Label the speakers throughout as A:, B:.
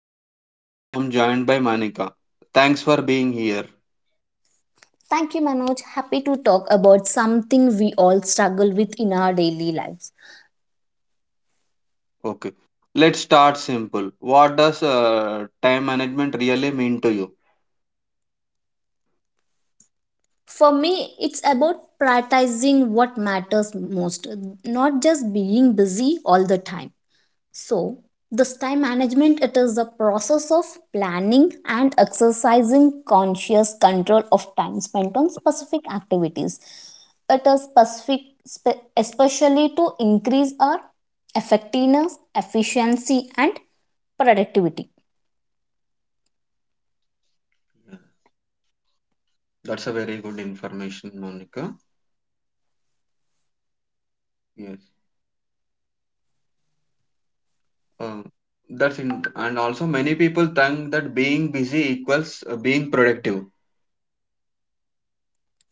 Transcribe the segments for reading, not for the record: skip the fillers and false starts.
A: time management. I'm joined by Manika. Thanks for being here.
B: Thank you, Manoj. Happy to talk about something we all struggle with in our daily lives.
A: Okay, let's start simple. What does time management really mean to you?
B: For me, it's about prioritizing what matters most, not just being busy all the time. So, this time management it is the process of planning and exercising conscious control of time spent on specific activities. It is especially to increase our effectiveness, efficiency and productivity.
A: Yeah, that's a very good information, Monica. Yes. Um, that's in, and also many people think that being busy equals being productive.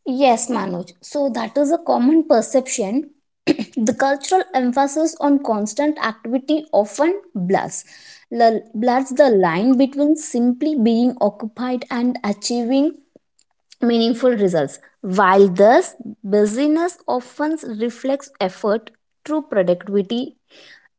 B: Yes, Manoj. So that is a common perception. The cultural emphasis on constant activity often blurs the line between simply being occupied and achieving meaningful results, while thus busyness often reflects effort, true productivity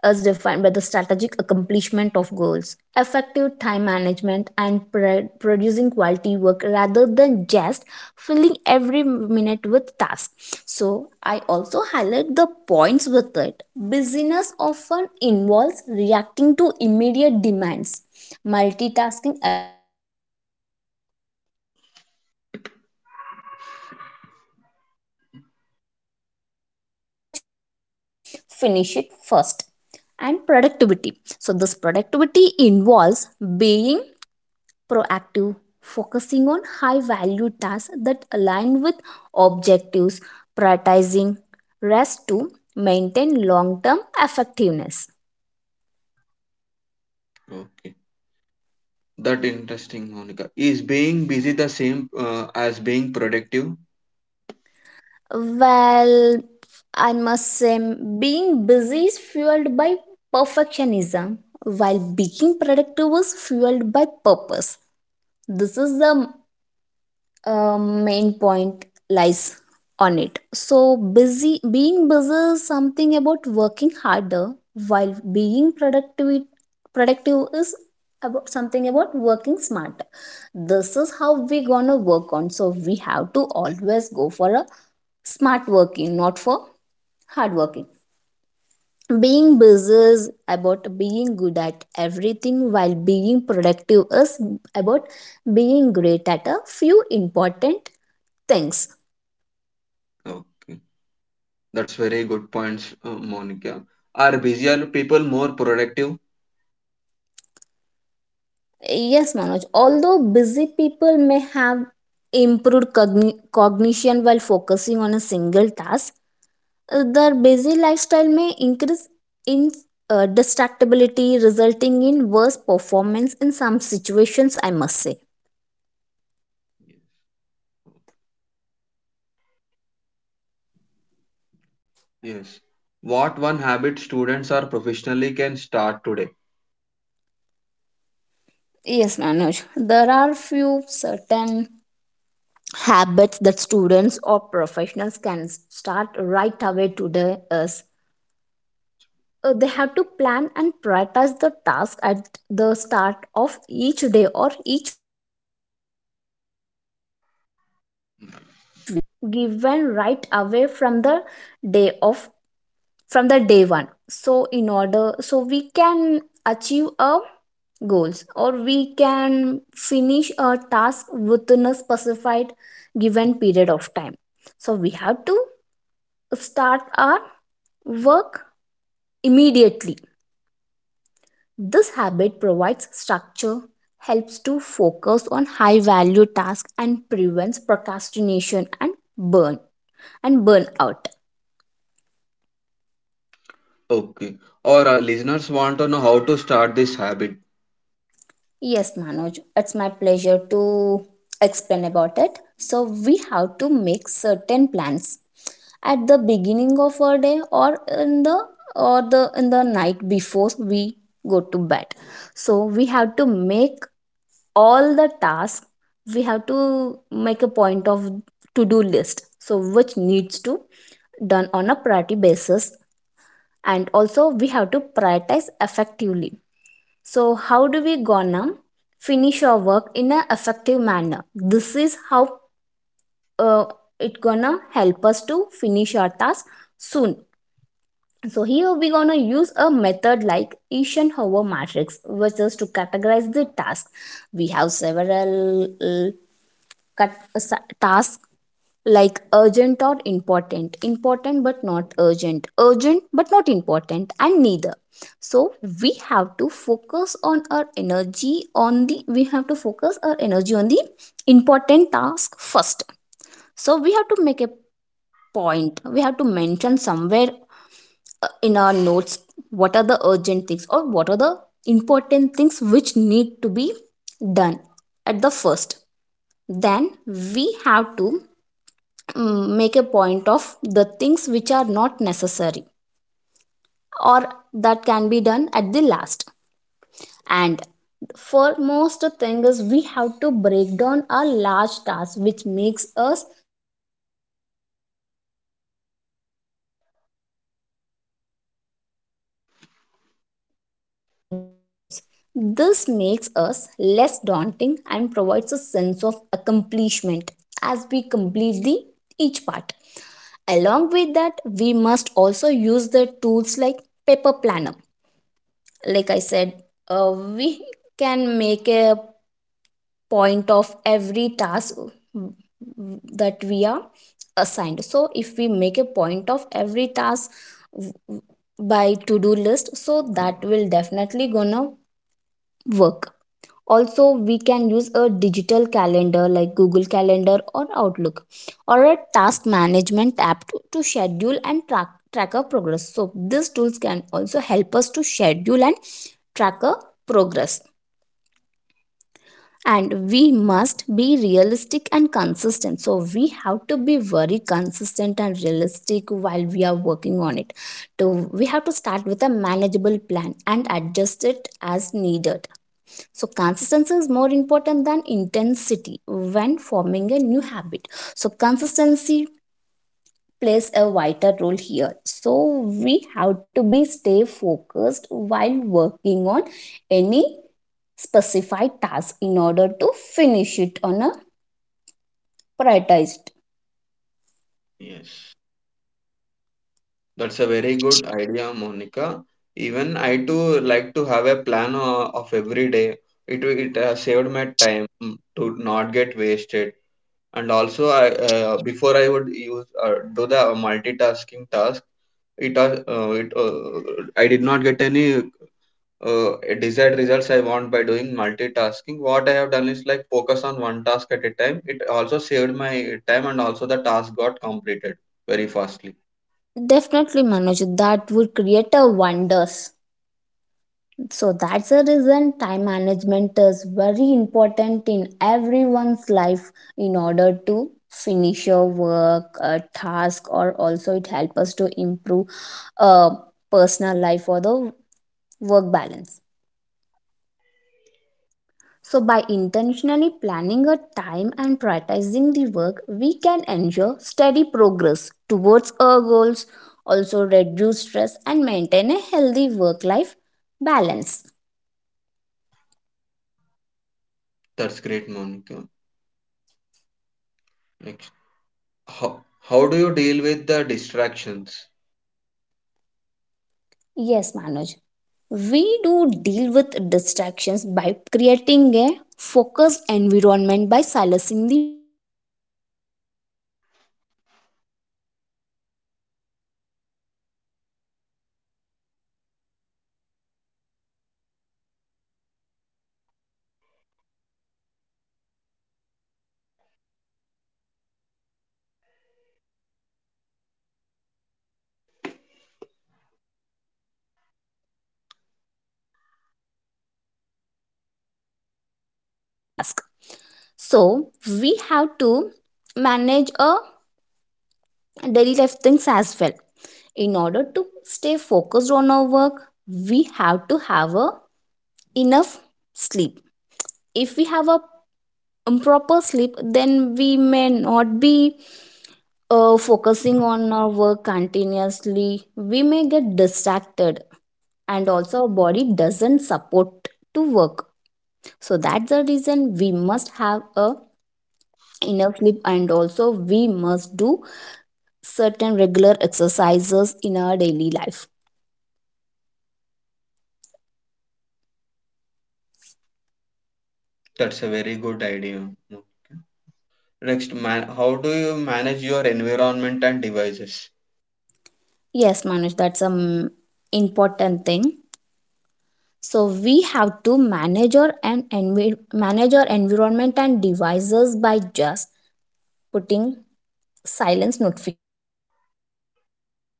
B: is defined by the strategic accomplishment of goals, effective time management, and producing quality work rather than just filling every minute with tasks. So, I also highlight the points with it. Busyness often involves reacting to immediate demands, multitasking efficiency and a lack of clear priorities, so we have to make a point of our priorities clearly which we need to finish it first. And productivity, so this productivity involves being proactive, focusing on high value tasks that align with objectives, prioritizing rest to maintain long term effectiveness.
A: Okay. That interesting, Monica. Is being busy the same as being productive?
B: Well, I must say, being busy is fueled by perfectionism, while being productive is fueled by purpose. This is the main point lies on it. So busy being busy is something about working harder, while being productive is about something about working smarter. This is how we gonna work on. So we have to always go for a smart working, not for hard working. Being busy is about being good at everything, while being productive is about being great at a few important things.
A: No. That's very good points, Monica. Are busier people more productive?
B: Yes, Manoj, although busy people may have improved cognition while focusing on a single task, their busy lifestyle may increase in distractibility resulting in worse performance in some situations, I must say.
A: Yes. Yes. What one habit students or professionally can start today?
B: Yes, Manoj, there are few certain habits that students or professionals can start right away today is they have to plan and prioritize the task at the start of each day or each week. So we have to start our work given right away from the day of from the day one, so in order so we can achieve our goals or we can finish a task within a specified given period of time. So we have to start our work immediately. This habit provides structure, helps to focus on high value tasks and prevents procrastination and burnout.
A: Okay. Or listeners want to know how to start this habit.
B: Yes, Manoj, it's my pleasure to explain about it. So, we have to make certain plans at the beginning of our day, or in the or the in the night before we go to bed. So, we have to make all the tasks. We have to make a point of to-do list. So, which needs to done on a priority basis. And also we have to prioritize effectively. So, how do we gonna finish our work in an effective manner? This is how uh, it gonna help us to finish our task soon. So here we gonna use a method like Eisenhower matrix, which is to categorize the task. We have several tasks like urgent or important, important but not urgent, urgent but not important, and neither. So we have to focus on our energy on the we have to focus our energy on the important task first. So we have to make a point we have to mention somewhere in our notes what are the urgent things or what are the important things which need to be done at the first. Then we have to make a point of the things which are not necessary, or that can be done at the last. And foremost thing is we have to break down a large task, which makes us um, work easier. So we have to divide these big projects into smaller in a manageable steps. This makes us less daunting and provides a sense of accomplishment as we complete the each part. Along with that we must also use the tools like paper planner. Like I said, we can make a point of every task that we are assigned. So if we make a point of every task by to do list, so that will definitely gonna work. Also we can use a digital calendar like Google Calendar or Outlook, or a task management app to schedule and tracker progress. So these tools can also help us to schedule and tracker progress. And we must be realistic and consistent, so we have to be very consistent and realistic while we are working on it. To we have to start with a manageable plan and adjust it as needed. So, consistency is more important than intensity when forming a new habit. So, consistency plays a vital role here. So, we have to be stay focused while working on any specified task in order to finish it on a prioritized.
A: Yes. That's a very good idea, Monica. Even I too like to have a plan of every day. It saved my time to not get wasted. And also, I before I would use do the multitasking task. It it I did not get any uh, desired results I want by doing multitasking. What I have done is like focus on one task at a time. It also saved my time and also the task got completed very fastly.
B: Definitely, Manoj, that would create a wonders. So that's the reason time management is very important in everyone's life in order to finish your work, a task, or also it helps us to improve uh, personal life or the work balance. So by intentionally planning a time and prioritizing the work, we can ensure steady progress towards our goals, also reduce stress and maintain a healthy work life balance.
A: That's great, Monica. Like how, how do you deal with the distractions?
B: Yes, Manoj. We do deal with distractions by creating a focused environment by silencing the notifications and decluttering. Use time blocking techniques like Pomodoro for structured work or the break cycles. We have to manage internal thoughts with mindfulness and planning and incorporate healthy habits by doing regular exercises and having enough sleep to boost focus, all while acknowledging distractions and gently redirecting your attention back to this task. So, we have to manage our daily life things as well. In order to stay focused on our work, we have to have a enough sleep. If we have a improper sleep, then we may not be focusing on our work continuously. We may get distracted and also our body doesn't support to work. So that's the reason we must have a enough sleep and also we must do certain regular exercises in our daily life.
A: That's a very good idea, Monica. Next, man, how do you manage your environment and devices?
B: Yes, manage, that's an important thing. So we have to manage our environment and devices by just putting silence notifications. We have to turn off the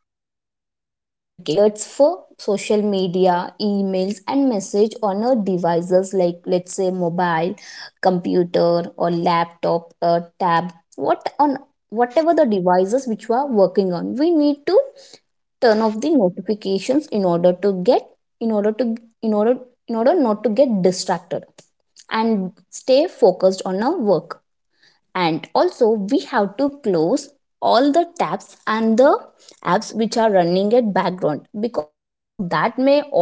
B: notifications, alerts for social media, emails, and message on our devices like, let's say, mobile, computer, or laptop, or tab, what on whatever the devices which we are working on, we need to turn off the notifications in order to get in order to in order in order not to get distracted and stay focused on our work. And also we have to close all the tabs and the apps which are running at background because that may also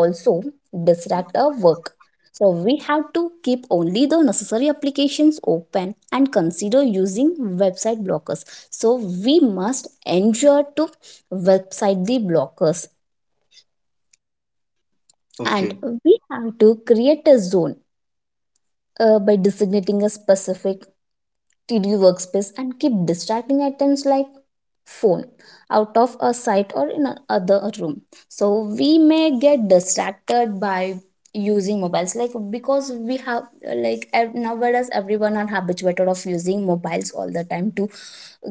B: distract our work. So we have to keep only the necessary applications open and consider using website blockers. So we must ensure to website the blockers. And
A: Okay.
B: we have to create a zone by designating a specific TD workspace and keep distracting items like phone out of a sight or in another room. So we may get distracted by using mobiles, like, because we have nowadays everyone are habituated of using mobiles all the time to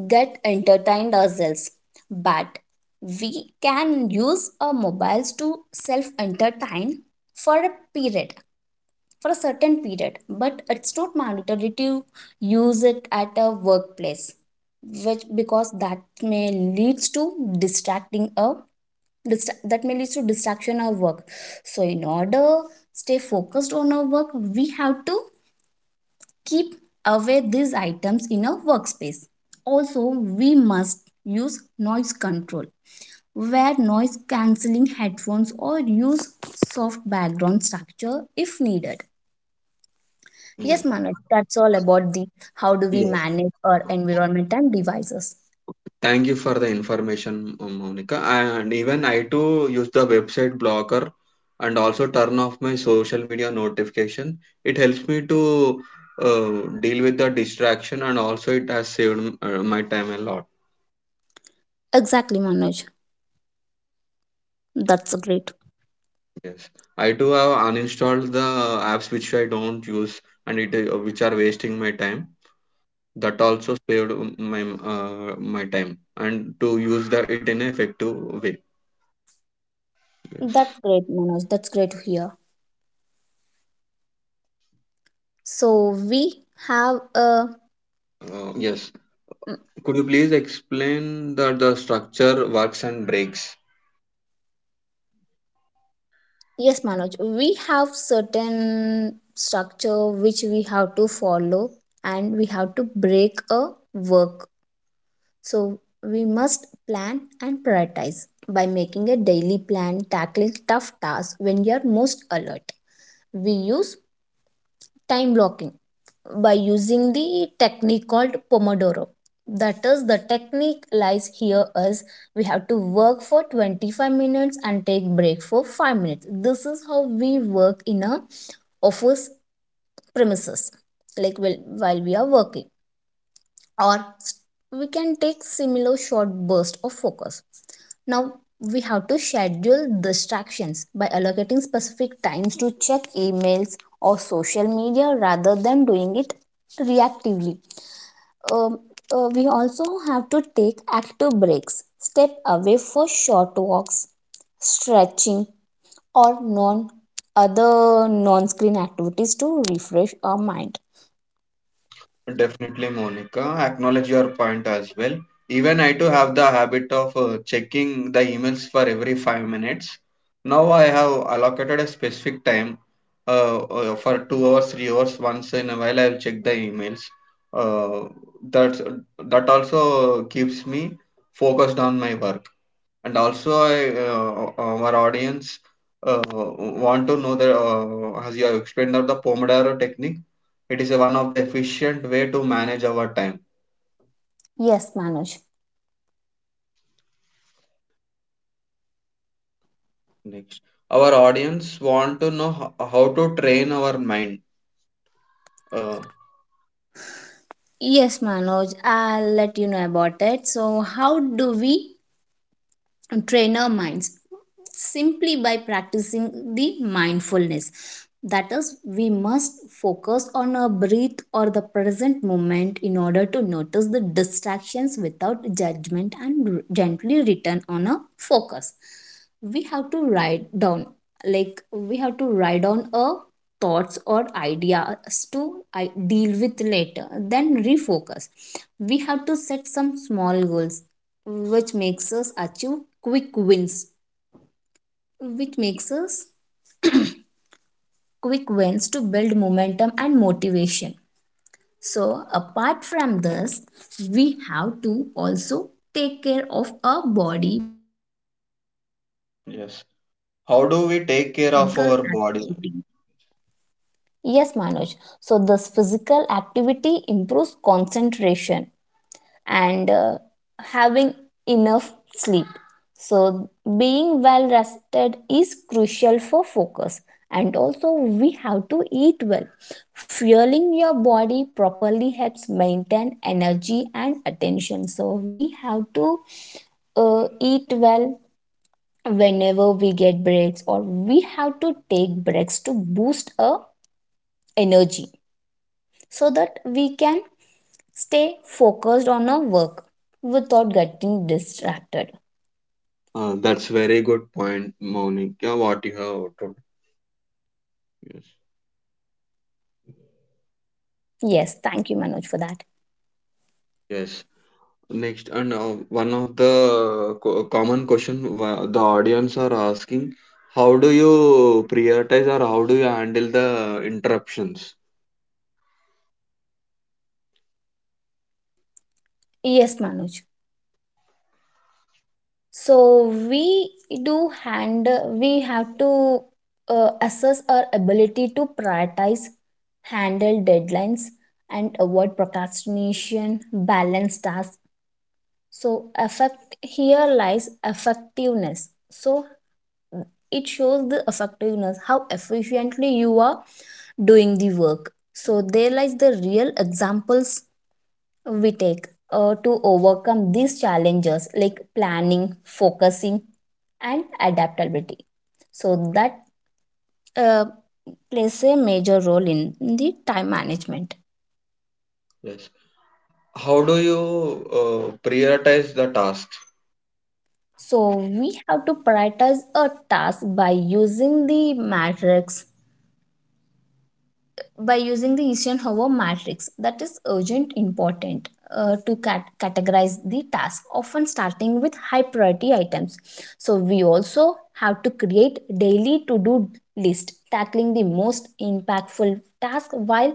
B: get entertained ourselves. But we can use our mobiles to self entertain for a period for a certain period, but it's not mandatory to use it at a workplace, which because that may leads to distracting a that may leads to distraction of work. So in order stay focused on our work, we have to keep away these items in our workspace. Also, we must use noise control, wear noise cancelling headphones or use soft background structure if needed.
A: Yeah.
B: Yes, Manoj, that's all about the how do we
A: Yeah.
B: manage our environment and devices.
A: Thank you for the information, Monica. And even I too use the website blocker and also turn off my social media notification. It helps me to deal with the distraction and also it has saved my time a lot.
B: Exactly, Manoj. That's great.
A: Yes, I too have uninstalled the apps which I don't use and it which are wasting my time. That also saved my time and to use the it in an effective way. Yes.
B: That's great, Manoj. That's great to hear. So we have a
A: Yes.
B: mm,
A: Could you please explain that the structure, works, and breaks?
B: yes, Manoj. We have certain structure which we have to follow, and we have to break a work. So we must plan and prioritize by making a daily plan, tackling tough tasks when you are most alert. We use time blocking by using the technique called pomodoro. That is the technique lies here as we have to work for 25 minutes and take break for 5 minutes. This is how we work in a office premises like, well, while we are working, or we can take similar short bursts of focus. Now we have to schedule distractions by allocating specific times to check emails or social media rather than doing it reactively. Um, we also have to take active breaks, step away for short walks, stretching, or non other non-screen activities to refresh our mind.
A: Definitely, Monica. Acknowledge your point as well. Even I too have the habit of checking the emails for every 5 minutes. Now I have allocated a specific time for 2 hours, 3 hours. Once in a while, I will check the emails. Uh, that that also keeps me focused on my work. And also I uh, our audience uh, want to know that as you have explained that the pomodoro technique, it is one of the efficient way to manage our time.
B: Yes, Manoj.
A: Next, our audience want to know how to train our mind. uh,
B: Yes, Manoj, I'll let you know about it. So, how do we train our minds simply by practicing the mindfulness. That is, we must focus on our breath or the present moment in order to notice the distractions without judgment and gently return on a focus. We have to write down, like, we have to write down our thoughts or ideas to deal with later, then refocus. We have to set some small goals which makes us achieve quick wins which makes us quick wins to build momentum and motivation. So apart from this, we have to also take care of our body by doing regular
A: yes.
B: exercise,
A: How do
B: that
A: we
B: is
A: take care of
B: physical
A: our body?
B: activity. Yes, Manoj, so this physical activity improves concentration and having enough sleep. So, being well rested is crucial for focus, and also we have to eat well. Fueling your body properly helps maintain energy and attention. So, we have to eat well whenever we get breaks, or we have to take breaks to boost our energy so that we can stay focused on our work without getting distracted.
A: Uh, that's very good point, Monica, what you have told. Yes.
B: Yes, thank you, Manoj, for that.
A: Yes. Next, and one of the common question, the audience are asking, how do you prioritize or how do you handle the interruptions?
B: Yes, Manoj. So we do hand We have to assess our ability to prioritize, handle deadlines, and avoid procrastination, balance tasks. So effect here lies effectiveness. So it shows the effectiveness how efficiently you are doing the work. So, there lies the real examples we take to overcome these challenges like planning, focusing, and adaptability. So, that uh, plays a major role in the time management.
A: Yes. How do you prioritize the tasks?
B: So, we have to prioritize a task by using the matrix, by using the Eisenhower matrix, that is urgent important, to categorize the task, often starting with high priority items. So, we also have to create daily to do list, tackling the most impactful task while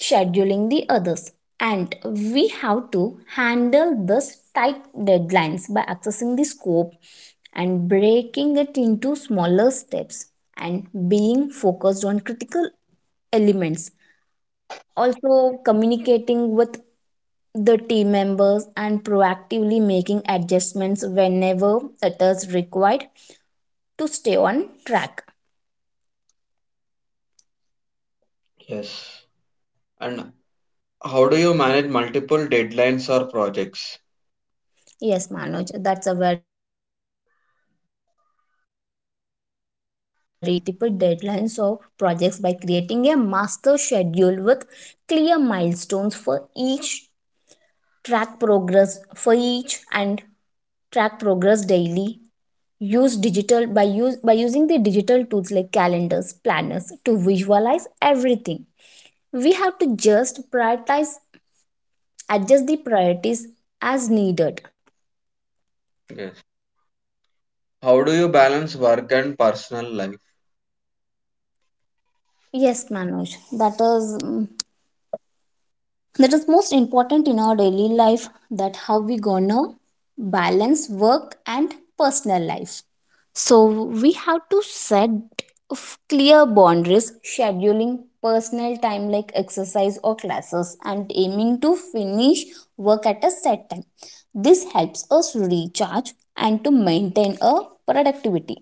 B: scheduling the others. And we have to handle this tight deadlines by accessing the scope and breaking it into smaller steps and being focused on critical elements. Also, communicating with the team members and proactively making adjustments whenever it is required to stay on track.
A: Yes. And how do you manage multiple deadlines or projects?
B: Yes, Manoj, that's a very important question. So, we have to manage this multiple deadlines of projects by creating a master schedule with clear milestones for each, track progress for each and track progress daily, use digital by use by using the digital tools like calendars, planners to visualize everything. We have to just prioritize, adjust the priorities as needed.
A: Yes. How do you balance work and personal life?
B: Yes, Manoj, that is that is most important in our daily life, that how we gonna balance work and personal life. So we have to set clear boundaries, scheduling personal time like exercise or classes and aiming to finish work at a set time. This helps us recharge and to maintain a productivity.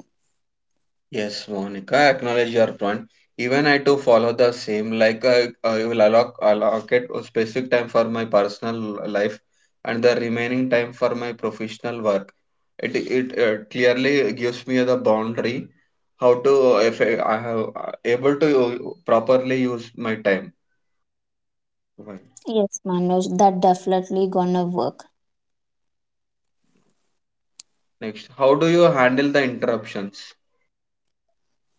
A: Yes, Monica, I acknowledge your point. Even I too follow the same. Like I will allocate a specific time for my personal life and the remaining time for my professional work. It clearly gives me the boundary how to, if I have able to properly use my time. Right.
B: Yes, Manoj, that definitely gonna work.
A: Next, how do you handle the interruptions?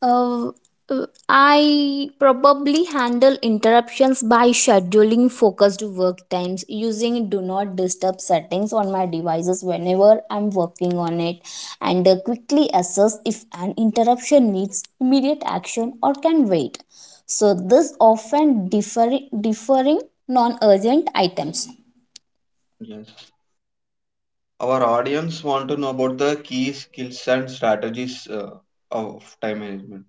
B: Uh, I probably handle interruptions by scheduling focused work times using do not disturb settings on my devices whenever I'm working on it, and quickly assess if an interruption needs immediate action or can wait. So, this often differing non urgent items.
A: Yes. Our audience want to know about the key skills and strategies of time management.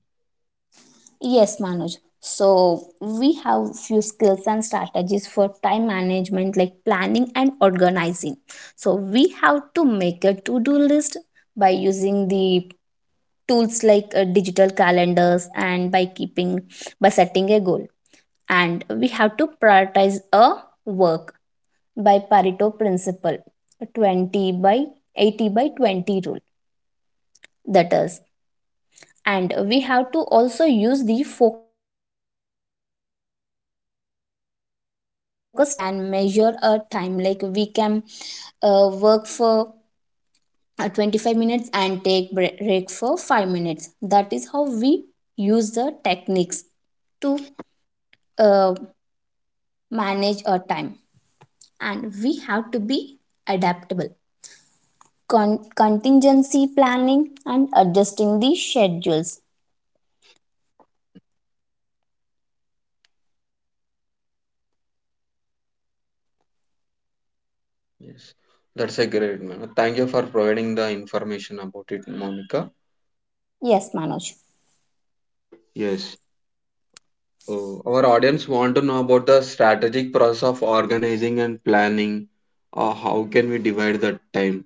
B: Yes, Manoj. So we have few skills and strategies for time management like planning and organizing. So we have to make a to-do list by using the tools like digital calendars, and by keeping, by setting a goal. And we have to prioritize a work by Pareto principle, 20 by 80 by 20 rule. That is, and we have to also use the focus techniques, pomodoro technique, time blocking, where we can measure a time, like we can work for 25 minutes and take break for 5 minutes. That is how we use the techniques to uh, manage our time. And we have to be adaptable, contingency planning and adjusting the schedules.
A: Yes, that's a great man. Thank you for providing the information about it, Monica.
B: Yes, Manoj.
A: Yes, our audience want to know about the strategic process of organizing and planning. How can we divide the time?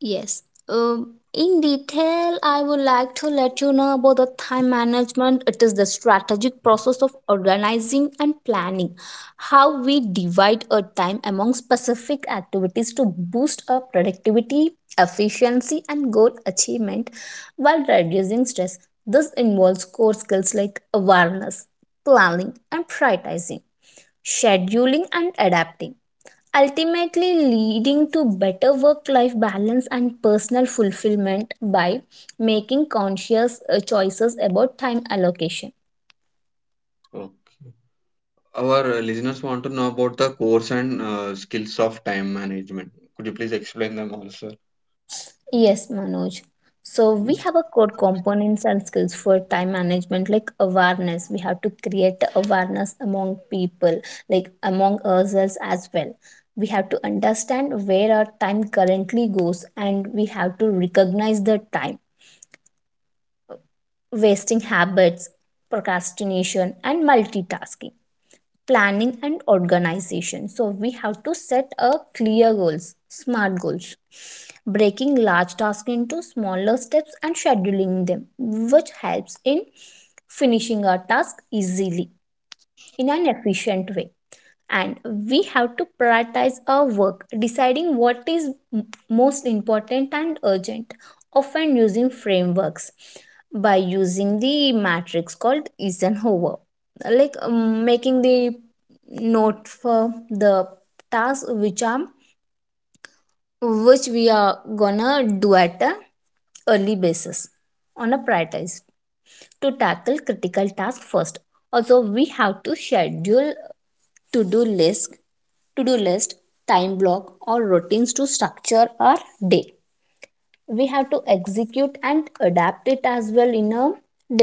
B: Yes. In detail, I would like to let you know about the time management. It is the strategic process of organizing and planning, how we divide our time among specific activities to boost our productivity, efficiency, and goal achievement while reducing stress. This involves core skills like awareness, planning, and prioritizing, scheduling, and adapting, ultimately leading to better work life balance and personal fulfillment by making conscious choices about time allocation.
A: Uh, our listeners want to know about the course and skills of time management. Could you please explain them also?
B: Yes, Manoj. So we have a core components and skills for time management like awareness. We have to create awareness among people, like among ourselves as well. We have to understand where our time currently goes, and we have to recognize the time wasting habits, procrastination, and multitasking, planning and organization. So we have to set a clear goals, smart goals, breaking large tasks into smaller steps and scheduling them, which helps in finishing our task easily in an efficient way. And we have to prioritize our work, deciding what is most important and urgent, often using frameworks, by using the matrix called Eisenhower, like making the note for the tasks which are, which we are gonna do at a early basis, on a prioritized to tackle critical task first. Also, we have to schedule to-do list, to-do list time block or routines to structure our day. We have to execute and adapt it as well in a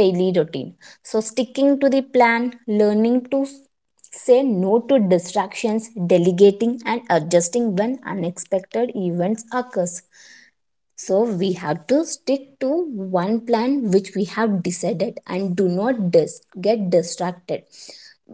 B: daily routine, so sticking to the plan, learning to say no to distractions, delegating and adjusting when unexpected events occurs. So we have to stick to one plan which we have decided and do not get distracted.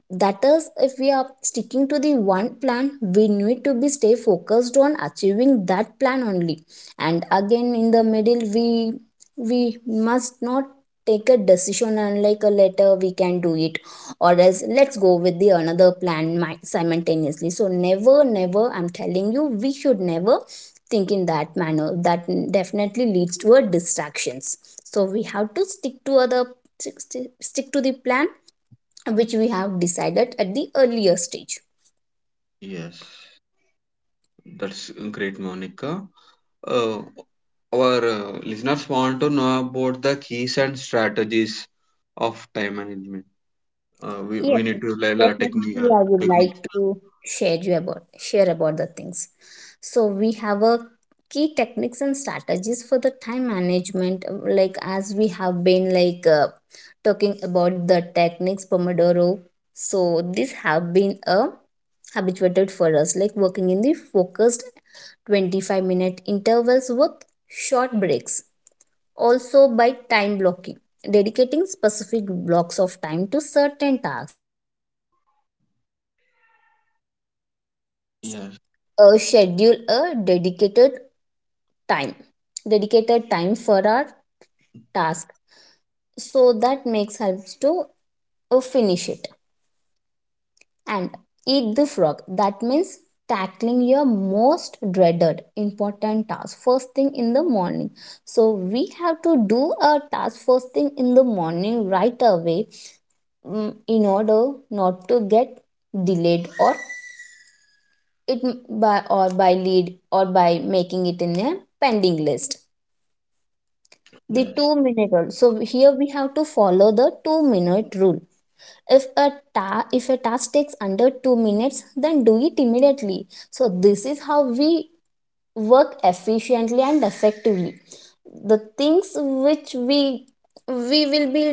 B: That is, if we are sticking to the one plan, we need to be stay focused on achieving that plan only. And again, in the middle, we must not take a decision. Unlike a letter we can do it, or else let's go with the another plan simultaneously. So never, I'm telling you, we should never think in that manner. That definitely leads to a distractions. So we have to stick to other, stick stick to the plan which we have decided at the earlier stage.
A: Yes. That's great, Monica. Uh, our listeners want to know about the keys and strategies of time management. We
B: Yes,
A: need to learn a technique.
B: definitely I would
A: Technique.
B: like to share you about share about the things. So we have a key techniques and strategies for the time management, like as we have been, like talking about the techniques pomodoro. So these have been a habituated for us, like working in the focused 25-minute intervals with short breaks. Also, by time blocking, dedicating specific blocks of time to certain tasks or types of work. So, we have to
A: Yes,
B: schedule a time, dedicated time for our task. So, that makes helps to finish it. And eat the frog. That means tackling your most dreaded important task first thing in the morning. So we have to do a task first thing in the morning right away, in order not to get delayed or it by or by lead or by making it in a pending list. The
A: yes,
B: 2 minute rule. So here we have to follow the 2 minute rule. If a if a task takes under 2 minutes, then do it immediately. So this is how we work efficiently and effectively. The things which we will be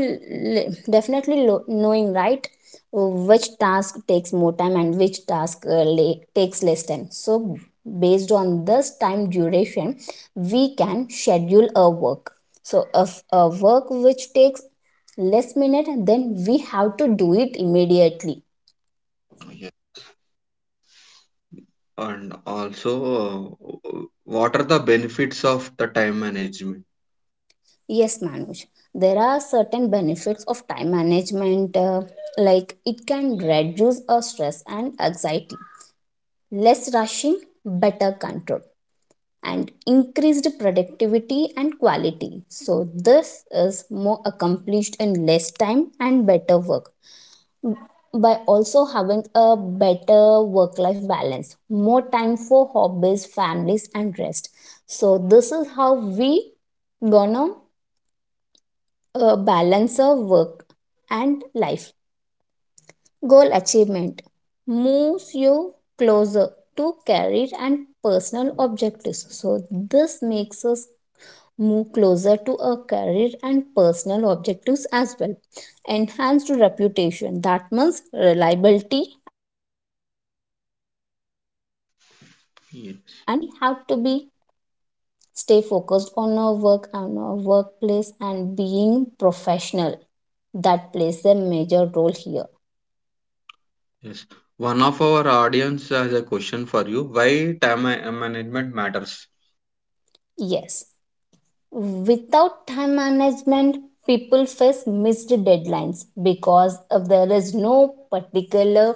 B: definitely knowing, right, which task takes more time and which task takes less time. So based on this time duration, we can schedule a work. So if a work which takes less minute, then we have to do it immediately.
A: yes. And also, what are the benefits of the time management?
B: Yes, Manoj, there are certain benefits of time management, like it can reduce our stress and anxiety, less rushing, better control, and increased productivity and quality. So, this is more accomplished in less time and better work, by also having a better work life balance, more time for hobbies, families, and rest. So, this is how we gonna balance our work and life. Goal achievement moves you closer to career and personal objectives. So, this makes us move closer to a career and personal objectives as well. Enhanced reputation, that means reliability and professionalism in the workspace. So,
A: Yes,
B: we have to be stay focused on our work and our workplace and being professional, that plays a major role here.
A: yes. One of our audience has a question for you. Why time management matters?
B: Yes. Without time management, people face missed deadlines, because if there is no particular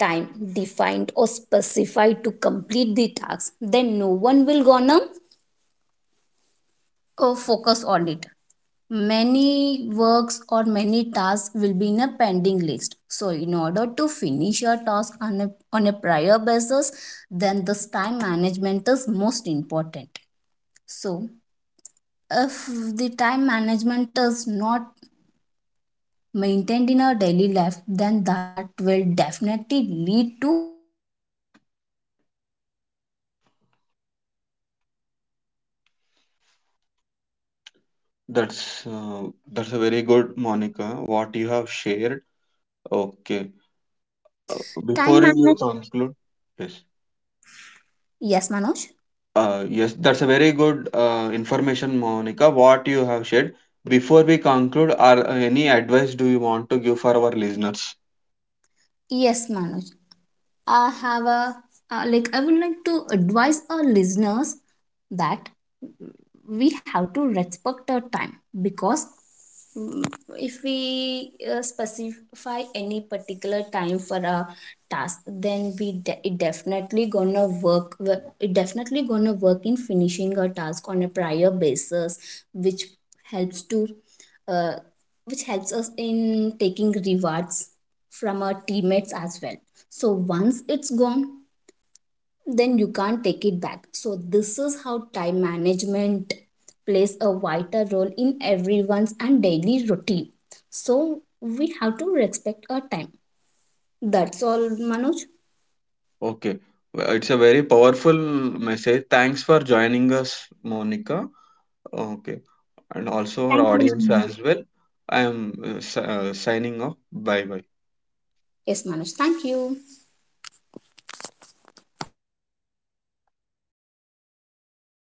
B: time defined or specified to complete the task, then no one will gonna focus on it. Many works or many tasks will be in a pending list. So, in order to finish your task on a prior basis, then this time management is most important. So, if the time management is not maintained in our daily life, then that will definitely lead to miss our deadlines to finish our task, poor quality work, burnout and a feeling
A: That's
B: of
A: uh,
B: being
A: that's a very good,
B: overwhelmed,
A: Monica,
B: impacting
A: what you
B: both
A: have shared.
B: professional success and
A: Okay.
B: personal well-being.
A: Uh,
B: Time
A: Before you
B: management.
A: conclude, yes,
B: Yes, Manoj.
A: yes, that's a very good information, Monica, what you have shared. Before we conclude, are any advice do you want to give for our listeners?
B: Yes, Manoj, I have a like I would like to advise our listeners that we have to respect our time, because mm, if we specify any particular time for a task, then it definitely gonna work it definitely gonna work in finishing a task on a prior basis, which helps to uh, which helps us in taking rewards from our teammates as well. So once it's gone, then you can't take it back. So this is how time management plays a vital role in everyone's and daily routine. So we have to respect our time. That's all, Manoj.
A: Okay, well, it's a very powerful message. Thanks for joining us, Monica. Okay, and also our
B: Thank you,
A: audience
B: Manoj.
A: as well. I am signing off. Bye bye.
B: Yes, Manoj. Thank you.